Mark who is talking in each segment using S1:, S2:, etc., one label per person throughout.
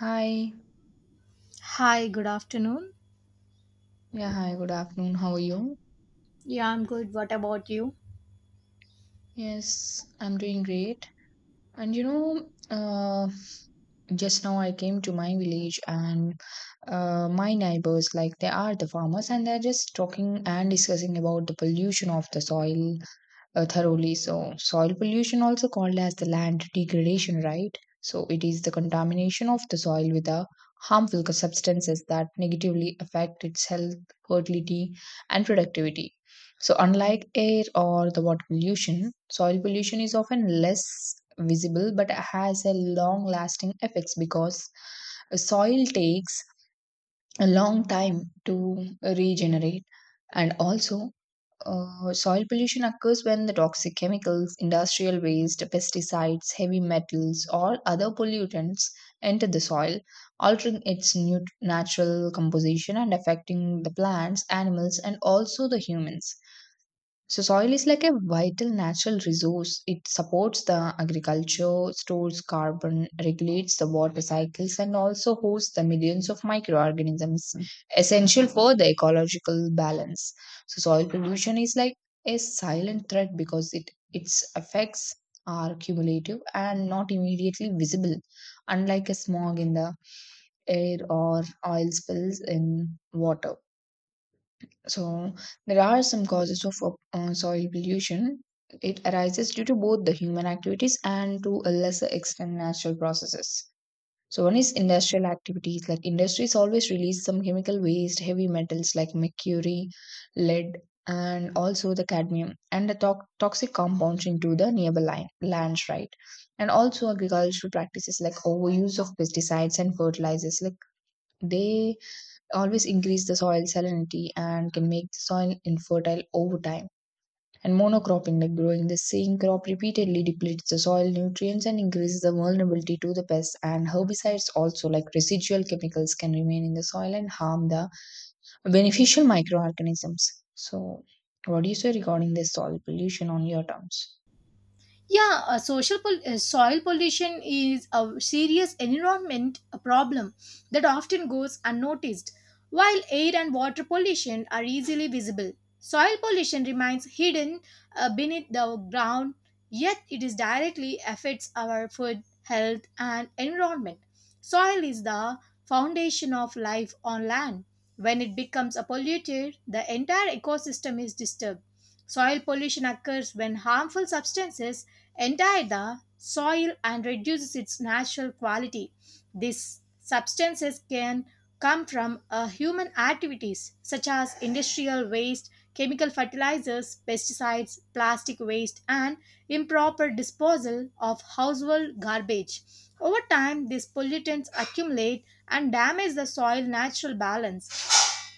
S1: Hi.
S2: Hi, good afternoon.
S1: Yeah, hi. Good afternoon. How are you?
S2: Yeah, I'm good. What about you?
S1: Yes, I'm doing great. And you know, just now I came to my village and my neighbors, like they are the farmers, and they're just talking and discussing about the pollution of the soil thoroughly. So, soil pollution, also called as the land degradation, right? So, it is the contamination of the soil with the harmful substances that negatively affect its health, fertility, and productivity. So, unlike air or the water pollution, soil pollution is often less visible but has a long lasting effects because soil takes a long time to regenerate and also soil pollution occurs when the toxic chemicals, industrial waste, pesticides, heavy metals, or other pollutants enter the soil, altering its natural composition and affecting the plants, animals, and also the humans. So soil is like a vital natural resource. It supports the agriculture, stores carbon, regulates the water cycles, and also hosts the millions of microorganisms essential for the ecological balance. So soil pollution is like a silent threat because it its effects are cumulative and not immediately visible, unlike a smog in the air or oil spills in water. So there are some causes of soil pollution. It arises due to both the human activities and to a lesser extent natural processes. So one is industrial activities like industries always release some chemical waste, heavy metals like mercury, lead, and also the cadmium and the toxic compounds into the nearby lands, right? And also agricultural practices like overuse of pesticides and fertilizers, like they always increase the soil salinity and can make the soil infertile over time. And monocropping, like growing the same crop repeatedly, depletes the soil nutrients and increases the vulnerability to the pests. And herbicides, also like residual chemicals, can remain in the soil and harm the beneficial microorganisms. So, what do you say regarding this soil pollution on your terms?
S2: Yeah, soil pollution is a serious environment a problem that often goes unnoticed, while air and water pollution are easily visible. Soil pollution remains hidden beneath the ground, yet it is directly affects our food, health, and environment. Soil is the foundation of life on land. When it becomes a polluted, the entire ecosystem is disturbed. Soil pollution occurs when harmful substances entire the soil and reduces its natural quality. These substances can come from human activities such as industrial waste, chemical fertilizers, pesticides, plastic waste, and improper disposal of household garbage. Over time, these pollutants accumulate and damage the soil natural balance.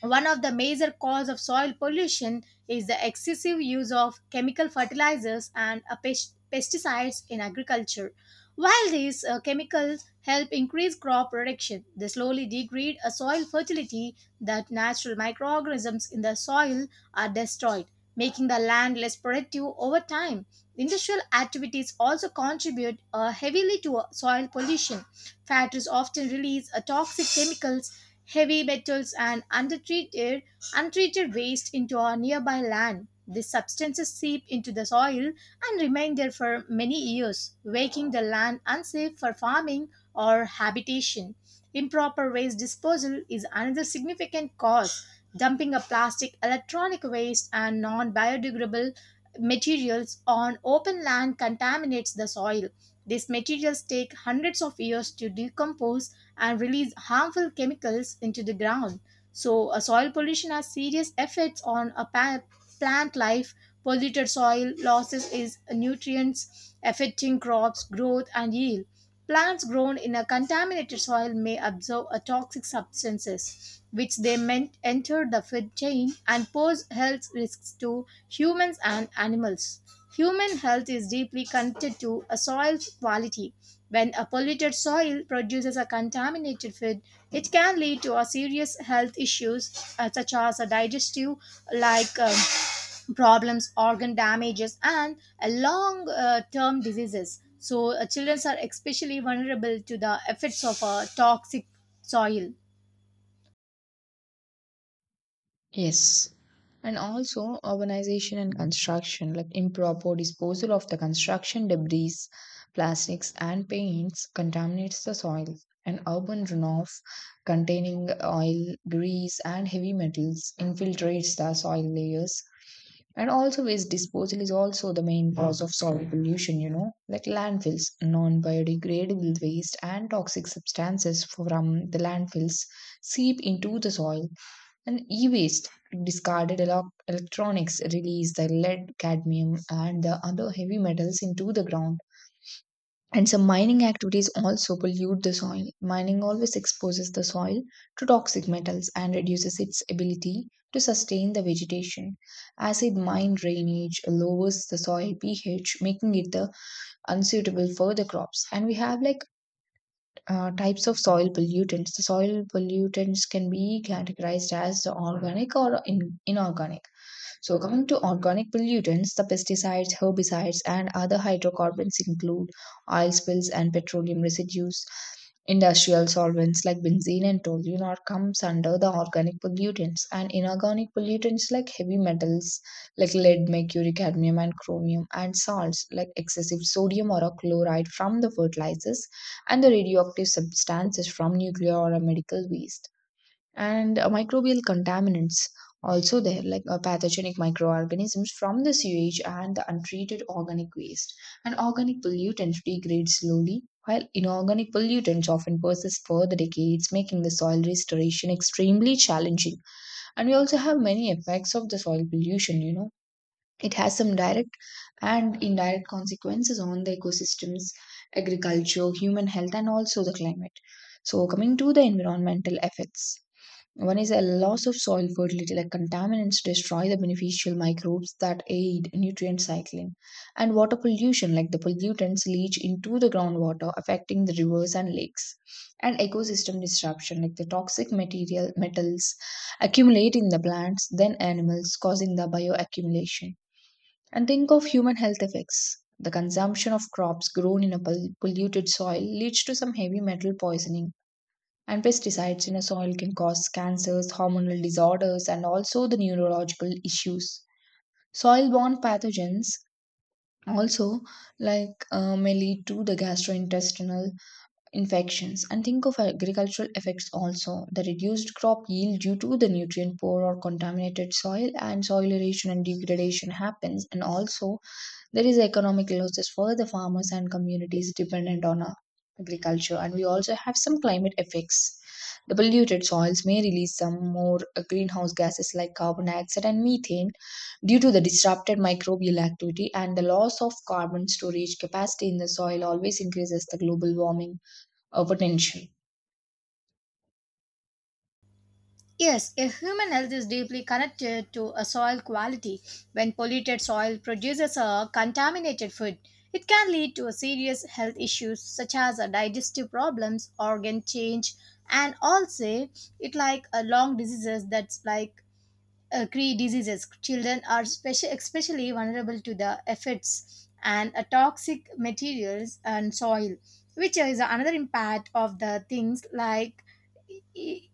S2: One of the major causes of soil pollution is the excessive use of chemical fertilizers and pesticides in agriculture. While these chemicals help increase crop production, they slowly degrade a soil fertility that natural microorganisms in the soil are destroyed, making the land less productive over time. Industrial activities also contribute heavily to soil pollution. Factories often release toxic chemicals heavy metals, and undertreated, untreated waste into our nearby land. These substances seep into the soil and remain there for many years, making the land unsafe for farming or habitation. Improper waste disposal is another significant cause. Dumping of plastic, electronic waste, and non biodegradable materials on open land contaminates the soil. These materials take hundreds of years to decompose and release harmful chemicals into the ground. So, a soil pollution has serious effects on plant life. Polluted soil losses is nutrients affecting crops growth and yield. Plants grown in a contaminated soil may absorb a toxic substances, which they may enter the food chain and pose health risks to humans and animals. Human health is deeply connected to a soil quality. When a polluted soil produces a contaminated food, it can lead to a serious health issues such as a digestive like problems, organ damages, and a long term diseases. So, children are especially vulnerable to the effects of a toxic soil.
S1: Yes. And also urbanization and construction, like improper disposal of the construction debris, plastics and paints contaminates the soil. And urban runoff containing oil, grease and heavy metals infiltrates the soil layers. And also waste disposal is also the main cause of soil pollution, you know, like landfills, non-biodegradable waste and toxic substances from the landfills seep into the soil and e waste, discarded electronics, release the lead, cadmium, and the other heavy metals into the ground. And some mining activities also pollute the soil. Mining always exposes the soil to toxic metals and reduces its ability to sustain the vegetation. Acid mine drainage lowers the soil pH, making it the unsuitable for the crops. And we have like types of soil pollutants. The soil pollutants can be categorized as the organic or inorganic. So, coming to organic pollutants, the pesticides, herbicides, and other hydrocarbons include oil spills and petroleum residues. Industrial solvents like benzene and toluene are comes under the organic pollutants and inorganic pollutants like heavy metals like lead, mercury, cadmium and chromium and salts like excessive sodium or a chloride from the fertilizers and the radioactive substances from nuclear or a medical waste and microbial contaminants also there like pathogenic microorganisms from the sewage and the untreated organic waste and organic pollutants degrade slowly while inorganic pollutants often persist for the decades making the soil restoration extremely challenging. And we also have many effects of the soil pollution, you know, it has some direct and indirect consequences on the ecosystems, agriculture, human health, and also the climate. So coming to the environmental effects, one is a loss of soil fertility, like contaminants destroy the beneficial microbes that aid nutrient cycling, and water pollution, like the pollutants leach into the groundwater, affecting the rivers and lakes, and ecosystem disruption, like the toxic material metals accumulate in the plants, then animals, causing the bioaccumulation. And think of human health effects. The consumption of crops grown in a polluted soil leads to some heavy metal poisoning and pesticides in a soil can cause cancers, hormonal disorders, and also the neurological issues. Soil borne pathogens also like may lead to the gastrointestinal infections. And think of agricultural effects also, the reduced crop yield due to the nutrient poor or contaminated soil and soil erosion and degradation happens, and also there is economic losses for the farmers and communities dependent on agriculture, and we also have some climate effects. The polluted soils may release some more greenhouse gases like carbon dioxide and methane due to the disrupted microbial activity, and the loss of carbon storage capacity in the soil always increases the global warming potential.
S2: Yes, a human health is deeply connected to a soil quality. When polluted soil produces a contaminated food, it can lead to a serious health issues such as a digestive problems, organ change, and also it like a long diseases that's like cree diseases. Children are especially vulnerable to the effects and toxic materials and soil, which is another impact of the things like e-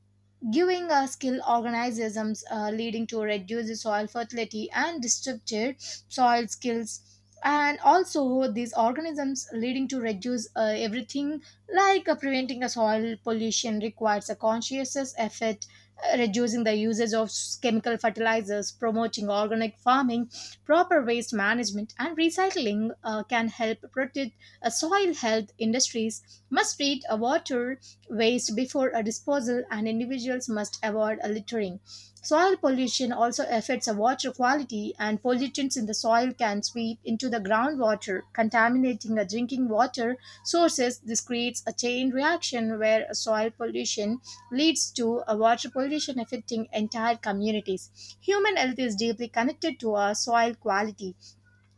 S2: giving skill organisms leading to reduced soil fertility and disrupted soil skills and also these organisms leading to reduce everything like preventing a soil pollution requires a conscious effort reducing the usage of chemical fertilizers, promoting organic farming, proper waste management, and recycling can help protect soil health. Industries must treat water waste before a disposal, and individuals must avoid littering. Soil pollution also affects the water quality, and pollutants in the soil can sweep into the groundwater, contaminating the drinking water sources. This creates a chain reaction where soil pollution leads to a water pollution affecting entire communities. Human health is deeply connected to our soil quality.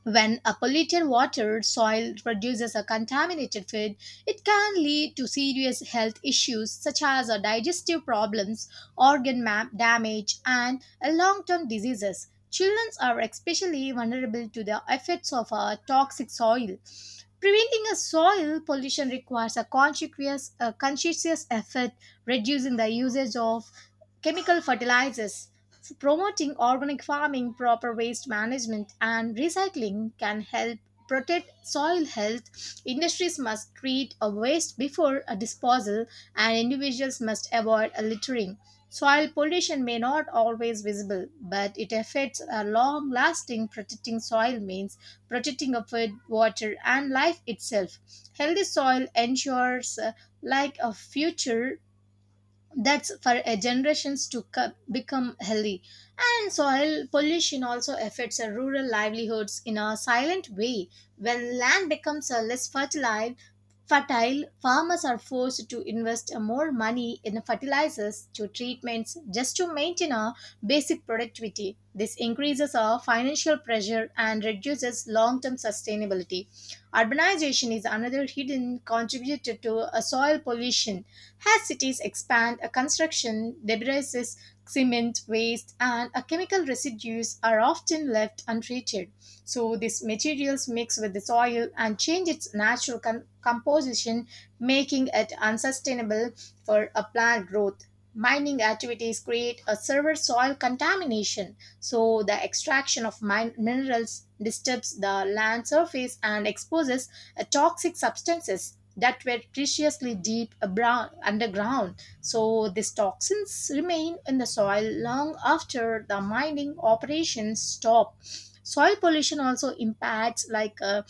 S2: When a polluted water soil produces a contaminated feed, it can lead to serious health issues such as digestive problems, organ damage, and long-term diseases. Children are especially vulnerable to the effects of toxic soil. Preventing a soil pollution requires a conscientious effort, reducing the usage of chemical fertilizers. Promoting organic farming, proper waste management, and recycling can help protect soil health. Industries must treat a waste before a disposal, and individuals must avoid a littering. Soil pollution may not always visible, but it affects a long lasting protecting soil means protecting of food, water and life itself. Healthy soil ensures like a future that's for a generations to co- become healthy. And soil pollution also affects our rural livelihoods in a silent way when land becomes less fertile fertile farmers are forced to invest more money in fertilizers to treatments just to maintain a basic productivity. This increases our financial pressure and reduces long term sustainability. Urbanization is another hidden contributor to soil pollution. As cities expand, a construction, debris, cement, waste, and chemical residues are often left untreated. So, these materials mix with the soil and change its natural composition, making it unsustainable for a plant growth. Mining activities create a severe soil contamination, so the extraction of minerals disturbs the land surface and exposes toxic substances that were preciously deep abroad, underground. So these toxins remain in the soil long after the mining operations stop. Soil pollution also impacts like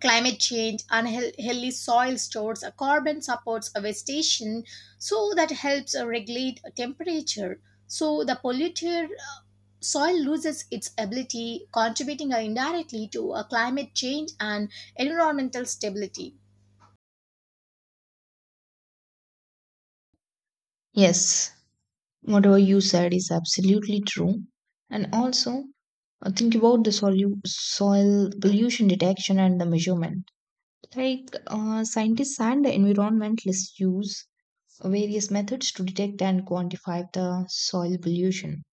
S2: climate change. Unhealthy soil stores a carbon supports vegetation, so that helps regulate temperature. So the polluted soil loses its ability, contributing indirectly to climate change and environmental stability.
S1: Yes, whatever you said is absolutely true. And also, think about the soil pollution detection and the measurement. Like scientists and environmentalists use various methods to detect and quantify the soil pollution.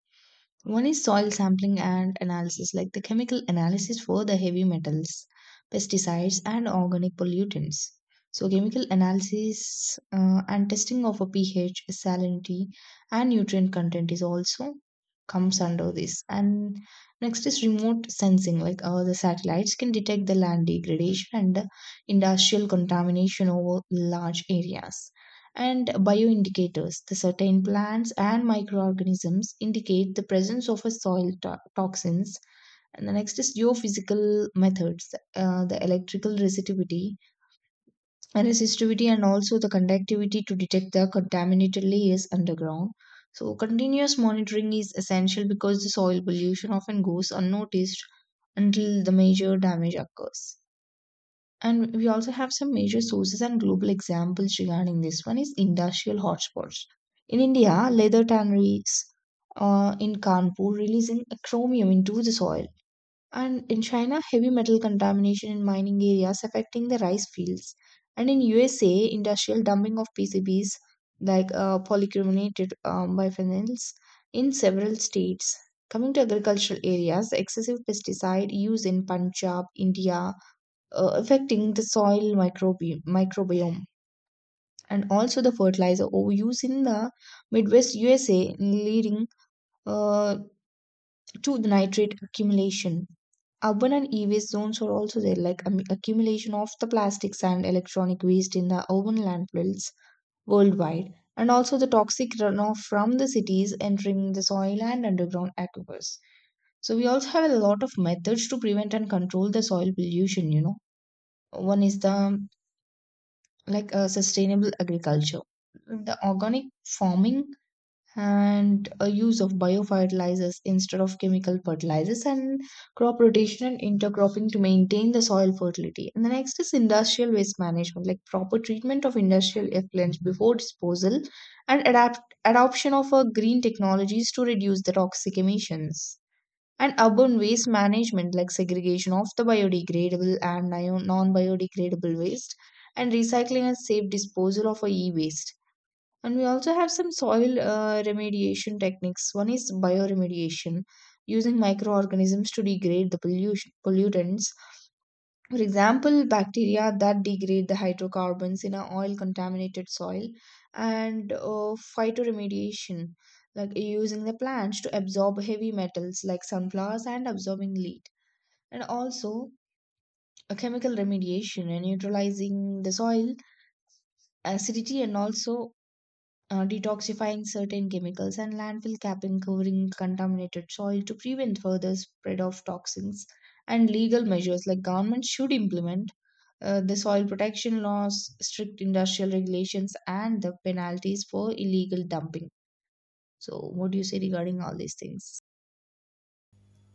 S1: One is soil sampling and analysis, like the chemical analysis for the heavy metals, pesticides, and organic pollutants. So, chemical analysis and testing of a pH, salinity, and nutrient content is also comes under this. And next is remote sensing, like the satellites can detect the land degradation and the industrial contamination over large areas, and bioindicators. The certain plants and microorganisms indicate the presence of a soil toxins. And the next is geophysical methods, the electrical resistivity, and resistivity, and also the conductivity to detect the contaminated layers underground. So, continuous monitoring is essential because the soil pollution often goes unnoticed until the major damage occurs. And we also have some major sources and global examples regarding this. One is industrial hotspots. In India, leather tanneries in Kanpur releasing chromium into the soil. And in China, heavy metal contamination in mining areas affecting the rice fields. And in USA, industrial dumping of PCBs like polycarbonate biphenyls in several states. Coming to agricultural areas, the excessive pesticide use in Punjab, India, affecting the soil microbiome and also the fertilizer overuse in the Midwest USA, leading uh, to the nitrate accumulation. Urban and e-waste zones are also there, like accumulation of the plastics and electronic waste in the urban landfills worldwide, and also the toxic runoff from the cities entering the soil and underground aquifers. So we also have a lot of methods to prevent and control the soil pollution, you know. One is the like a sustainable agriculture, the organic farming and a use of biofertilizers instead of chemical fertilizers, and crop rotation and intercropping to maintain the soil fertility. And the next is industrial waste management, like proper treatment of industrial effluents before disposal, and adapt adoption of green technologies to reduce the toxic emissions, and urban waste management like segregation of the biodegradable and non biodegradable waste, and recycling and safe disposal of e waste. And we also have some soil remediation techniques. One is bioremediation using microorganisms to degrade the pollution pollutants, for example, bacteria that degrade the hydrocarbons in a oil contaminated soil, and phytoremediation, like using the plants to absorb heavy metals like sunflowers and absorbing lead. And also a chemical remediation and neutralizing the soil acidity and also detoxifying certain chemicals, and landfill capping covering contaminated soil to prevent further spread of toxins. And legal measures like government should implement the soil protection laws, strict industrial regulations, and the penalties for illegal dumping. So, what do you say regarding all these things?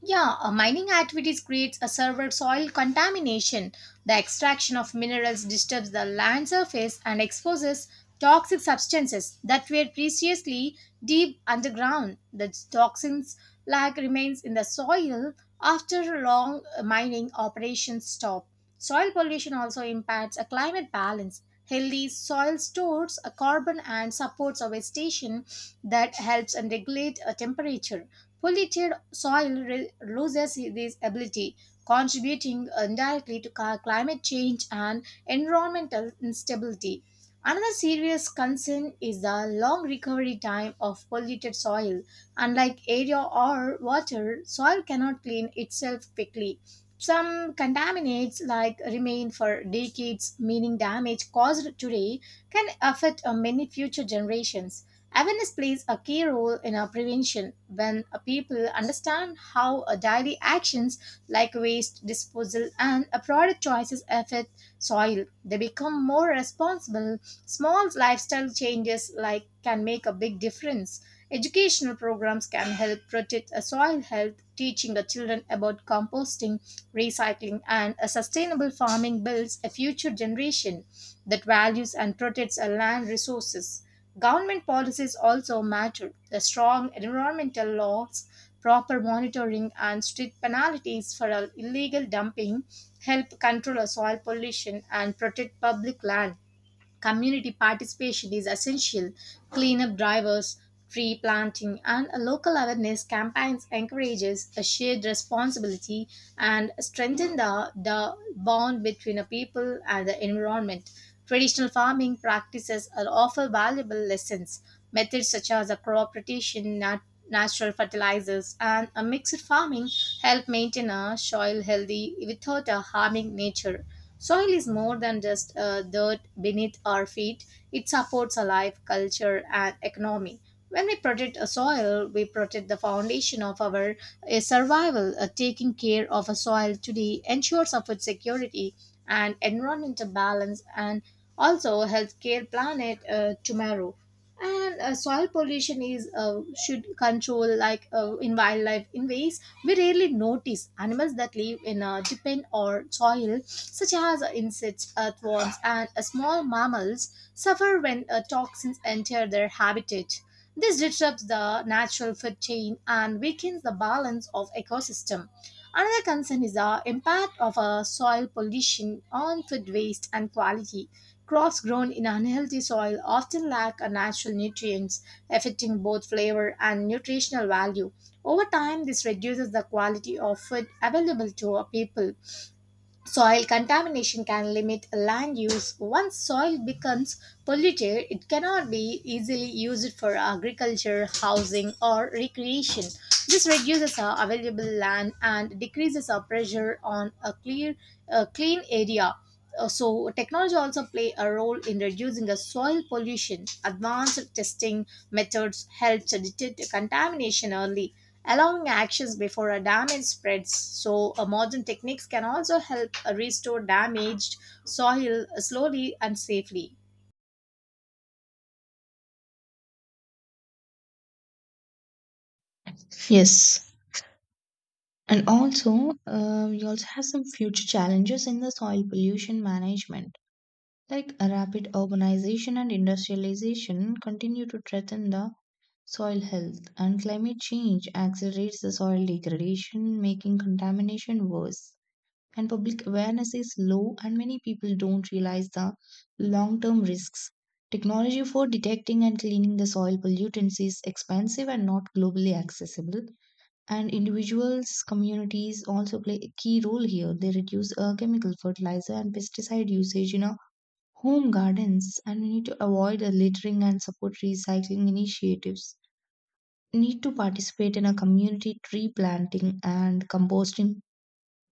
S2: Yeah, mining activities creates a severe soil contamination. The extraction of minerals disturbs the land surface and exposes toxic substances that were previously deep underground. The toxins lag remains in the soil after long mining operations stop. Soil pollution also impacts a climate balance. Healthy soil stores a carbon and supports a vegetation that helps and regulate a temperature. Polluted soil loses this ability, contributing indirectly to climate change and environmental instability. Another serious concern is the long recovery time of polluted soil. Unlike area or water, soil cannot clean itself quickly. Some contaminants like remain for decades, meaning damage caused today can affect many future generations. Awareness plays a key role in our prevention when people understand how daily actions like waste disposal and product choices affect soil. They become more responsible. Small lifestyle changes like can make a big difference. Educational programs can help protect a soil health, teaching the children about composting, recycling, and a sustainable farming builds a future generation that values and protects our land resources. Government policies also matter. The strong environmental laws, proper monitoring, and strict penalties for illegal dumping help control soil pollution and protect public land. Community participation is essential. Cleanup drivers, tree planting, and local awareness campaigns encourages a shared responsibility and strengthen the bond between the people and the environment. Traditional farming practices are offer valuable lessons. Methods such as the crop rotation, natural fertilizers, and a mixed farming help maintain a soil healthy without harming nature. Soil is more than just dirt beneath our feet, it supports our life, culture, and economy. When we protect a soil, we protect the foundation of our survival. Taking care of a soil today ensures our food security and environmental balance and also healthcare planet tomorrow. And soil pollution is should control like in wildlife in ways we rarely notice. Animals that live in depend on soil such as insects, earthworms, and small mammals suffer when toxins enter their habitat. This disrupts the natural food chain and weakens the balance of ecosystem. Another concern is the impact of soil pollution on food waste and quality. Crops grown in unhealthy soil often lack a natural nutrients, affecting both flavor and nutritional value. Over time, this reduces the quality of food available to our people. Soil contamination can limit land use. Once soil becomes polluted, it cannot be easily used for agriculture, housing, or recreation. This reduces our available land and decreases our pressure on a clean area. So technology also play a role in reducing the soil pollution. Advanced testing methods help to detect contamination early, allowing actions before a damage spreads. So modern techniques can also help restore damaged soil slowly and safely.
S1: Yes. And also, we also have some future challenges in the soil pollution management. Like rapid urbanization and industrialization continue to threaten the soil health, and climate change accelerates the soil degradation making contamination worse, and public awareness is low and many people don't realize the long term risks. Technology for detecting and cleaning the soil pollutants is expensive and not globally accessible, and individuals communities also play a key role here. They reduce chemical fertilizer and pesticide usage in our home gardens, and we need to avoid the littering and support recycling initiatives, need to participate in a community tree planting and composting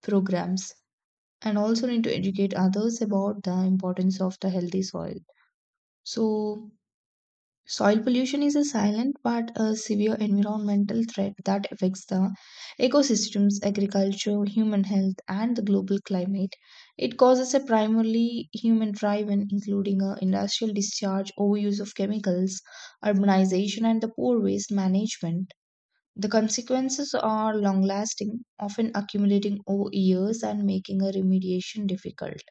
S1: programs, and also need to educate others about the importance of the healthy soil. So, soil pollution is a silent but a severe environmental threat that affects the ecosystems, agriculture, human health, and the global climate. It causes a primarily human driven, including a industrial discharge, overuse of chemicals, urbanization, and the poor waste management. The consequences are long lasting, often accumulating over years and making a remediation difficult.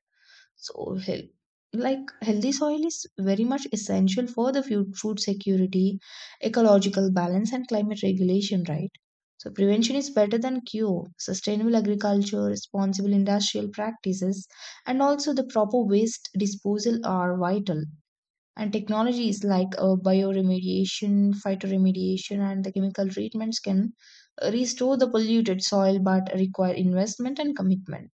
S1: So, like healthy soil is very much essential for the food security, ecological balance, and climate regulation, right? So, prevention is better than cure. Sustainable agriculture, responsible industrial practices, and also the proper waste disposal are vital. And technologies like bioremediation, phytoremediation, and the chemical treatments can restore the polluted soil but require investment and commitment.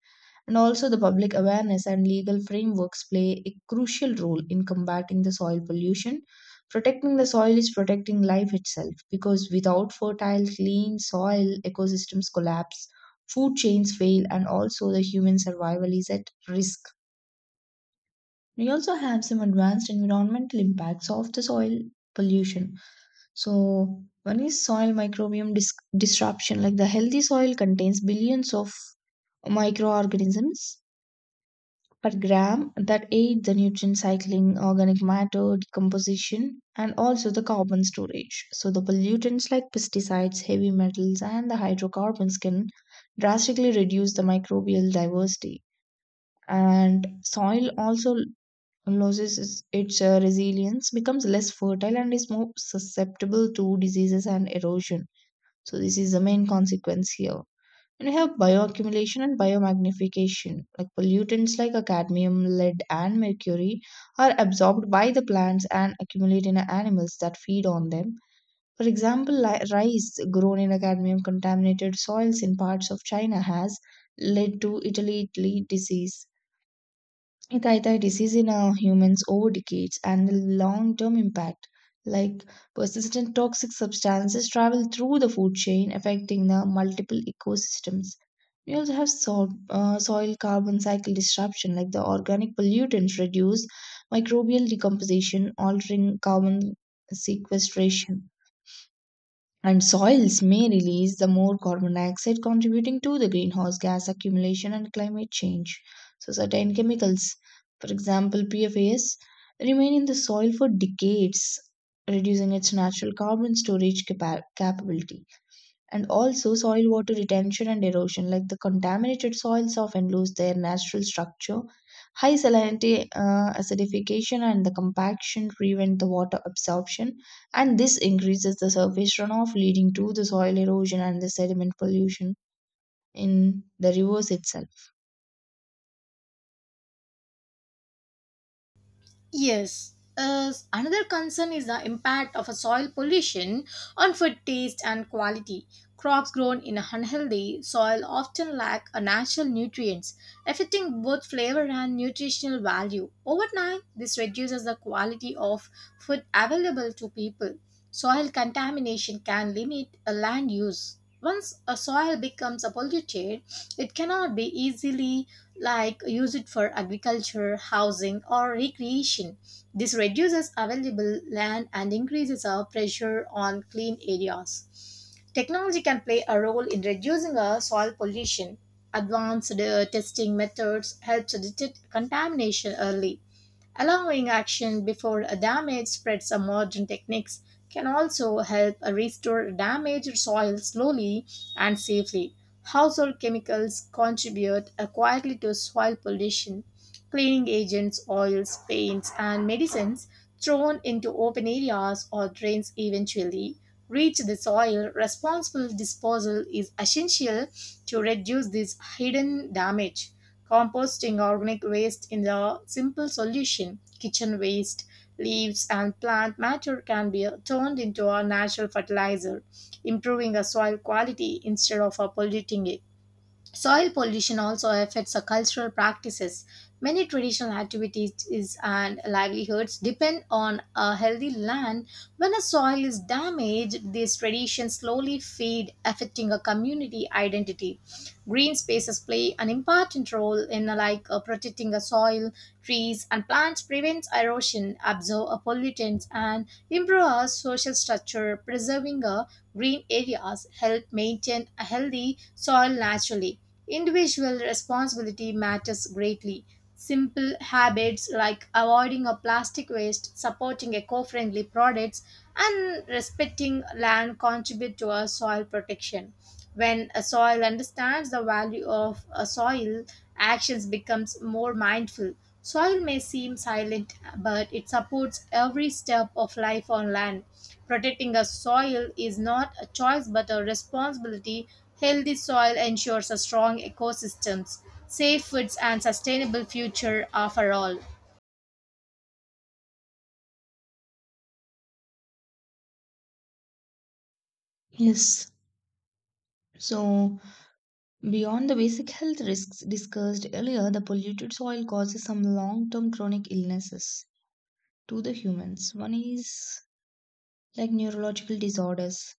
S1: And also, the public awareness and legal frameworks play a crucial role in combating the soil pollution. Protecting the soil is protecting life itself, because without fertile, clean soil, ecosystems collapse, food chains fail, and also the human survival is at risk. We also have some advanced environmental impacts of the soil pollution. So, one is soil microbiome disruption. Like, the healthy soil contains billions of microorganisms per gram that aid the nutrient cycling, organic matter decomposition, and also the carbon storage. So, the pollutants like pesticides, heavy metals, and the hydrocarbons can drastically reduce the microbial diversity, and soil also loses its resilience, becomes less fertile, and is more susceptible to diseases and erosion. So, this is the main consequence here. And we have bioaccumulation and biomagnification. Like, pollutants like a cadmium, lead, and mercury are absorbed by the plants and accumulate in animals that feed on them. For example, rice grown in a cadmium contaminated soils in parts of China has led to Italy disease. Thyroid disease in humans over decades, and the long term impact, like persistent toxic substances, travel through the food chain, affecting the multiple ecosystems. We also have soil carbon cycle disruption, like the organic pollutants reduce microbial decomposition, altering carbon sequestration, and soils may release the more carbon dioxide, contributing to the greenhouse gas accumulation and climate change. So certain chemicals, for example pfas, remain in the soil for decades, reducing its natural carbon storage capability. And also soil water retention and erosion, like the contaminated soils often lose their natural structure. High salinity, acidification, and the compaction prevent the water absorption, and this increases the surface runoff, leading to the soil erosion and the sediment pollution in the rivers itself.
S2: Yes. Another concern is the impact of a soil pollution on food taste and quality. Crops grown in unhealthy soil often lack a natural nutrients, affecting both flavor and nutritional value. Over time, this reduces the quality of food available to people. Soil contamination can limit a land use. Once a soil becomes a polluted, it cannot be easily like use it for agriculture, housing, or recreation. This reduces available land and increases our pressure on clean areas. Technology can play a role in reducing our soil pollution. Advanced testing methods helps detect contamination early, allowing action before a damage spreads of modern techniques can also help restore damaged soil slowly and safely. Household chemicals contribute quietly to soil pollution. Cleaning agents, oils, paints, and medicines thrown into open areas or drains eventually reach the soil. Responsible disposal is essential to reduce this hidden damage. Composting organic waste in a simple solution, kitchen waste, leaves, and plant matter can be turned into a natural fertilizer, improving the soil quality instead of polluting it. Soil pollution also affects our cultural practices. Many traditional activities and livelihoods depend on a healthy land. When a soil is damaged, these traditions slowly fade, affecting a community identity. Green spaces play an important role in protecting the soil, trees, and plants prevent erosion, absorb pollutants, and improve our social structure, preserving a. Green areas help maintain a healthy soil naturally. Individual responsibility matters greatly. Simple habits like avoiding a plastic waste, supporting eco-friendly products, and respecting land contribute to our soil protection. When a soil understands the value of a soil, actions becomes more mindful. Soil may seem silent, but it supports every step of life on land. Protecting our soil is not a choice but a responsibility. Healthy soil ensures a strong ecosystems, safe foods, and sustainable future are for all.
S1: Yes. So, beyond the basic health risks discussed earlier, the polluted soil causes some long term chronic illnesses to the humans. One is like neurological disorders.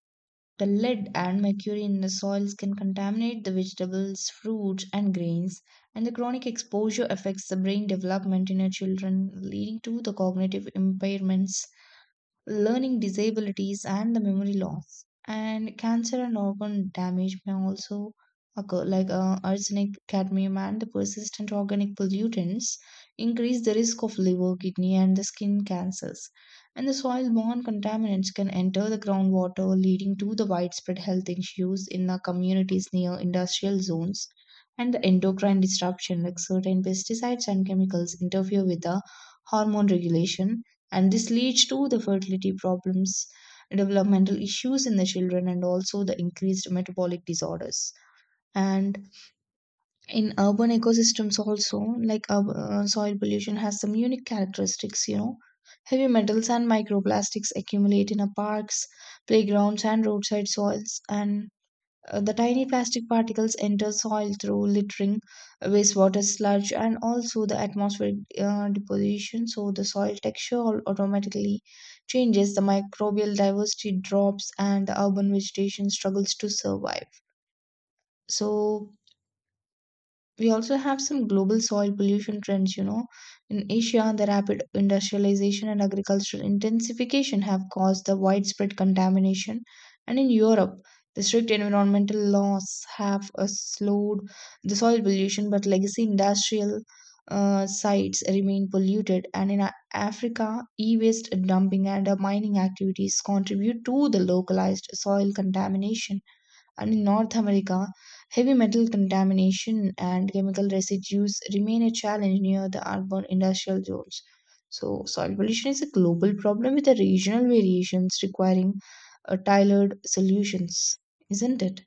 S1: The lead and mercury in the soils can contaminate the vegetables, fruits, and grains, and the chronic exposure affects the brain development in our children, leading to the cognitive impairments, learning disabilities, and the memory loss. And cancer and organ damage may also occur, like arsenic, cadmium, and the persistent organic pollutants increase the risk of liver, kidney, and the skin cancers. And the soil borne contaminants can enter the groundwater, leading to the widespread health issues in the communities near industrial zones. And the endocrine disruption, like certain pesticides and chemicals, interfere with the hormone regulation, and this leads to the fertility problems, developmental issues in the children, and also the increased metabolic disorders. And in urban ecosystems also, like soil pollution has some unique characteristics, you know. Heavy metals and microplastics accumulate in our parks, playgrounds, and roadside soils. And the tiny plastic particles enter soil through littering, wastewater, sludge, and also the atmospheric deposition. So the soil texture automatically changes, the microbial diversity drops, and the urban vegetation struggles to survive. So we also have some global soil pollution trends, you know. In Asia, the rapid industrialization and agricultural intensification have caused the widespread contamination. And in Europe, the strict environmental laws have slowed the soil pollution, but legacy industrial sites remain polluted. And in Africa, e waste dumping and mining activities contribute to the localized soil contamination. And in North America, heavy metal contamination and chemical residues remain a challenge near the urban industrial zones. So, soil pollution is a global problem with the regional variations, requiring tailored solutions, isn't it?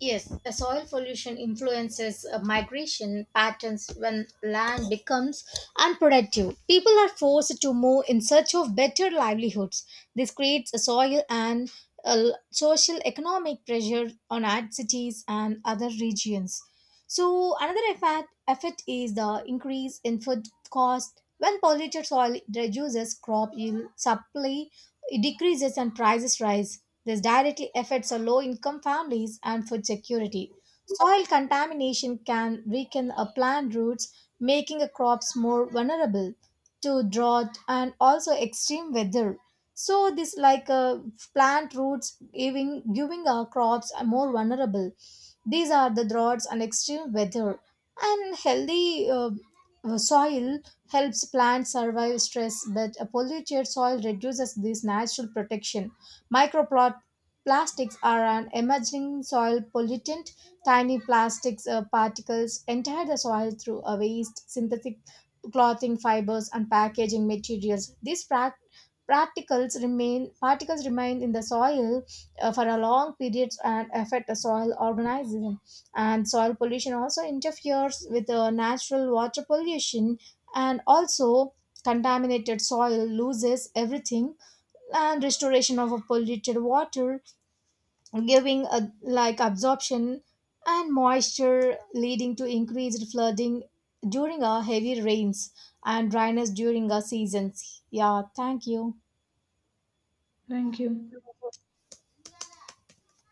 S2: Yes, the soil pollution influences migration patterns when land becomes unproductive. People are forced to move in search of better livelihoods. This creates a soil and social economic pressure on our cities and other regions. So another effect is the increase in food cost. When polluted soil reduces, crop yield supply it decreases and prices rise. This directly affects the low-income families and food security. Soil contamination can weaken a plant roots, making a crops more vulnerable to drought and also extreme weather. So this like plant roots giving our crops are more vulnerable. These are the droughts and extreme weather. And healthy soil helps plants survive stress, but a polluted soil reduces this natural protection. Microplastics are an emerging soil pollutant. Tiny plastics particles enter the soil through a waste, synthetic clothing fibers, and packaging materials. These particles remain in the soil for a long periods and affect the soil organism. And soil pollution also interferes with the natural water pollution, and also contaminated soil loses everything and restoration of a polluted water giving a, like absorption and moisture leading to increased flooding during our heavy rains and dryness during our seasons. Yeah, thank you.
S1: Thank you.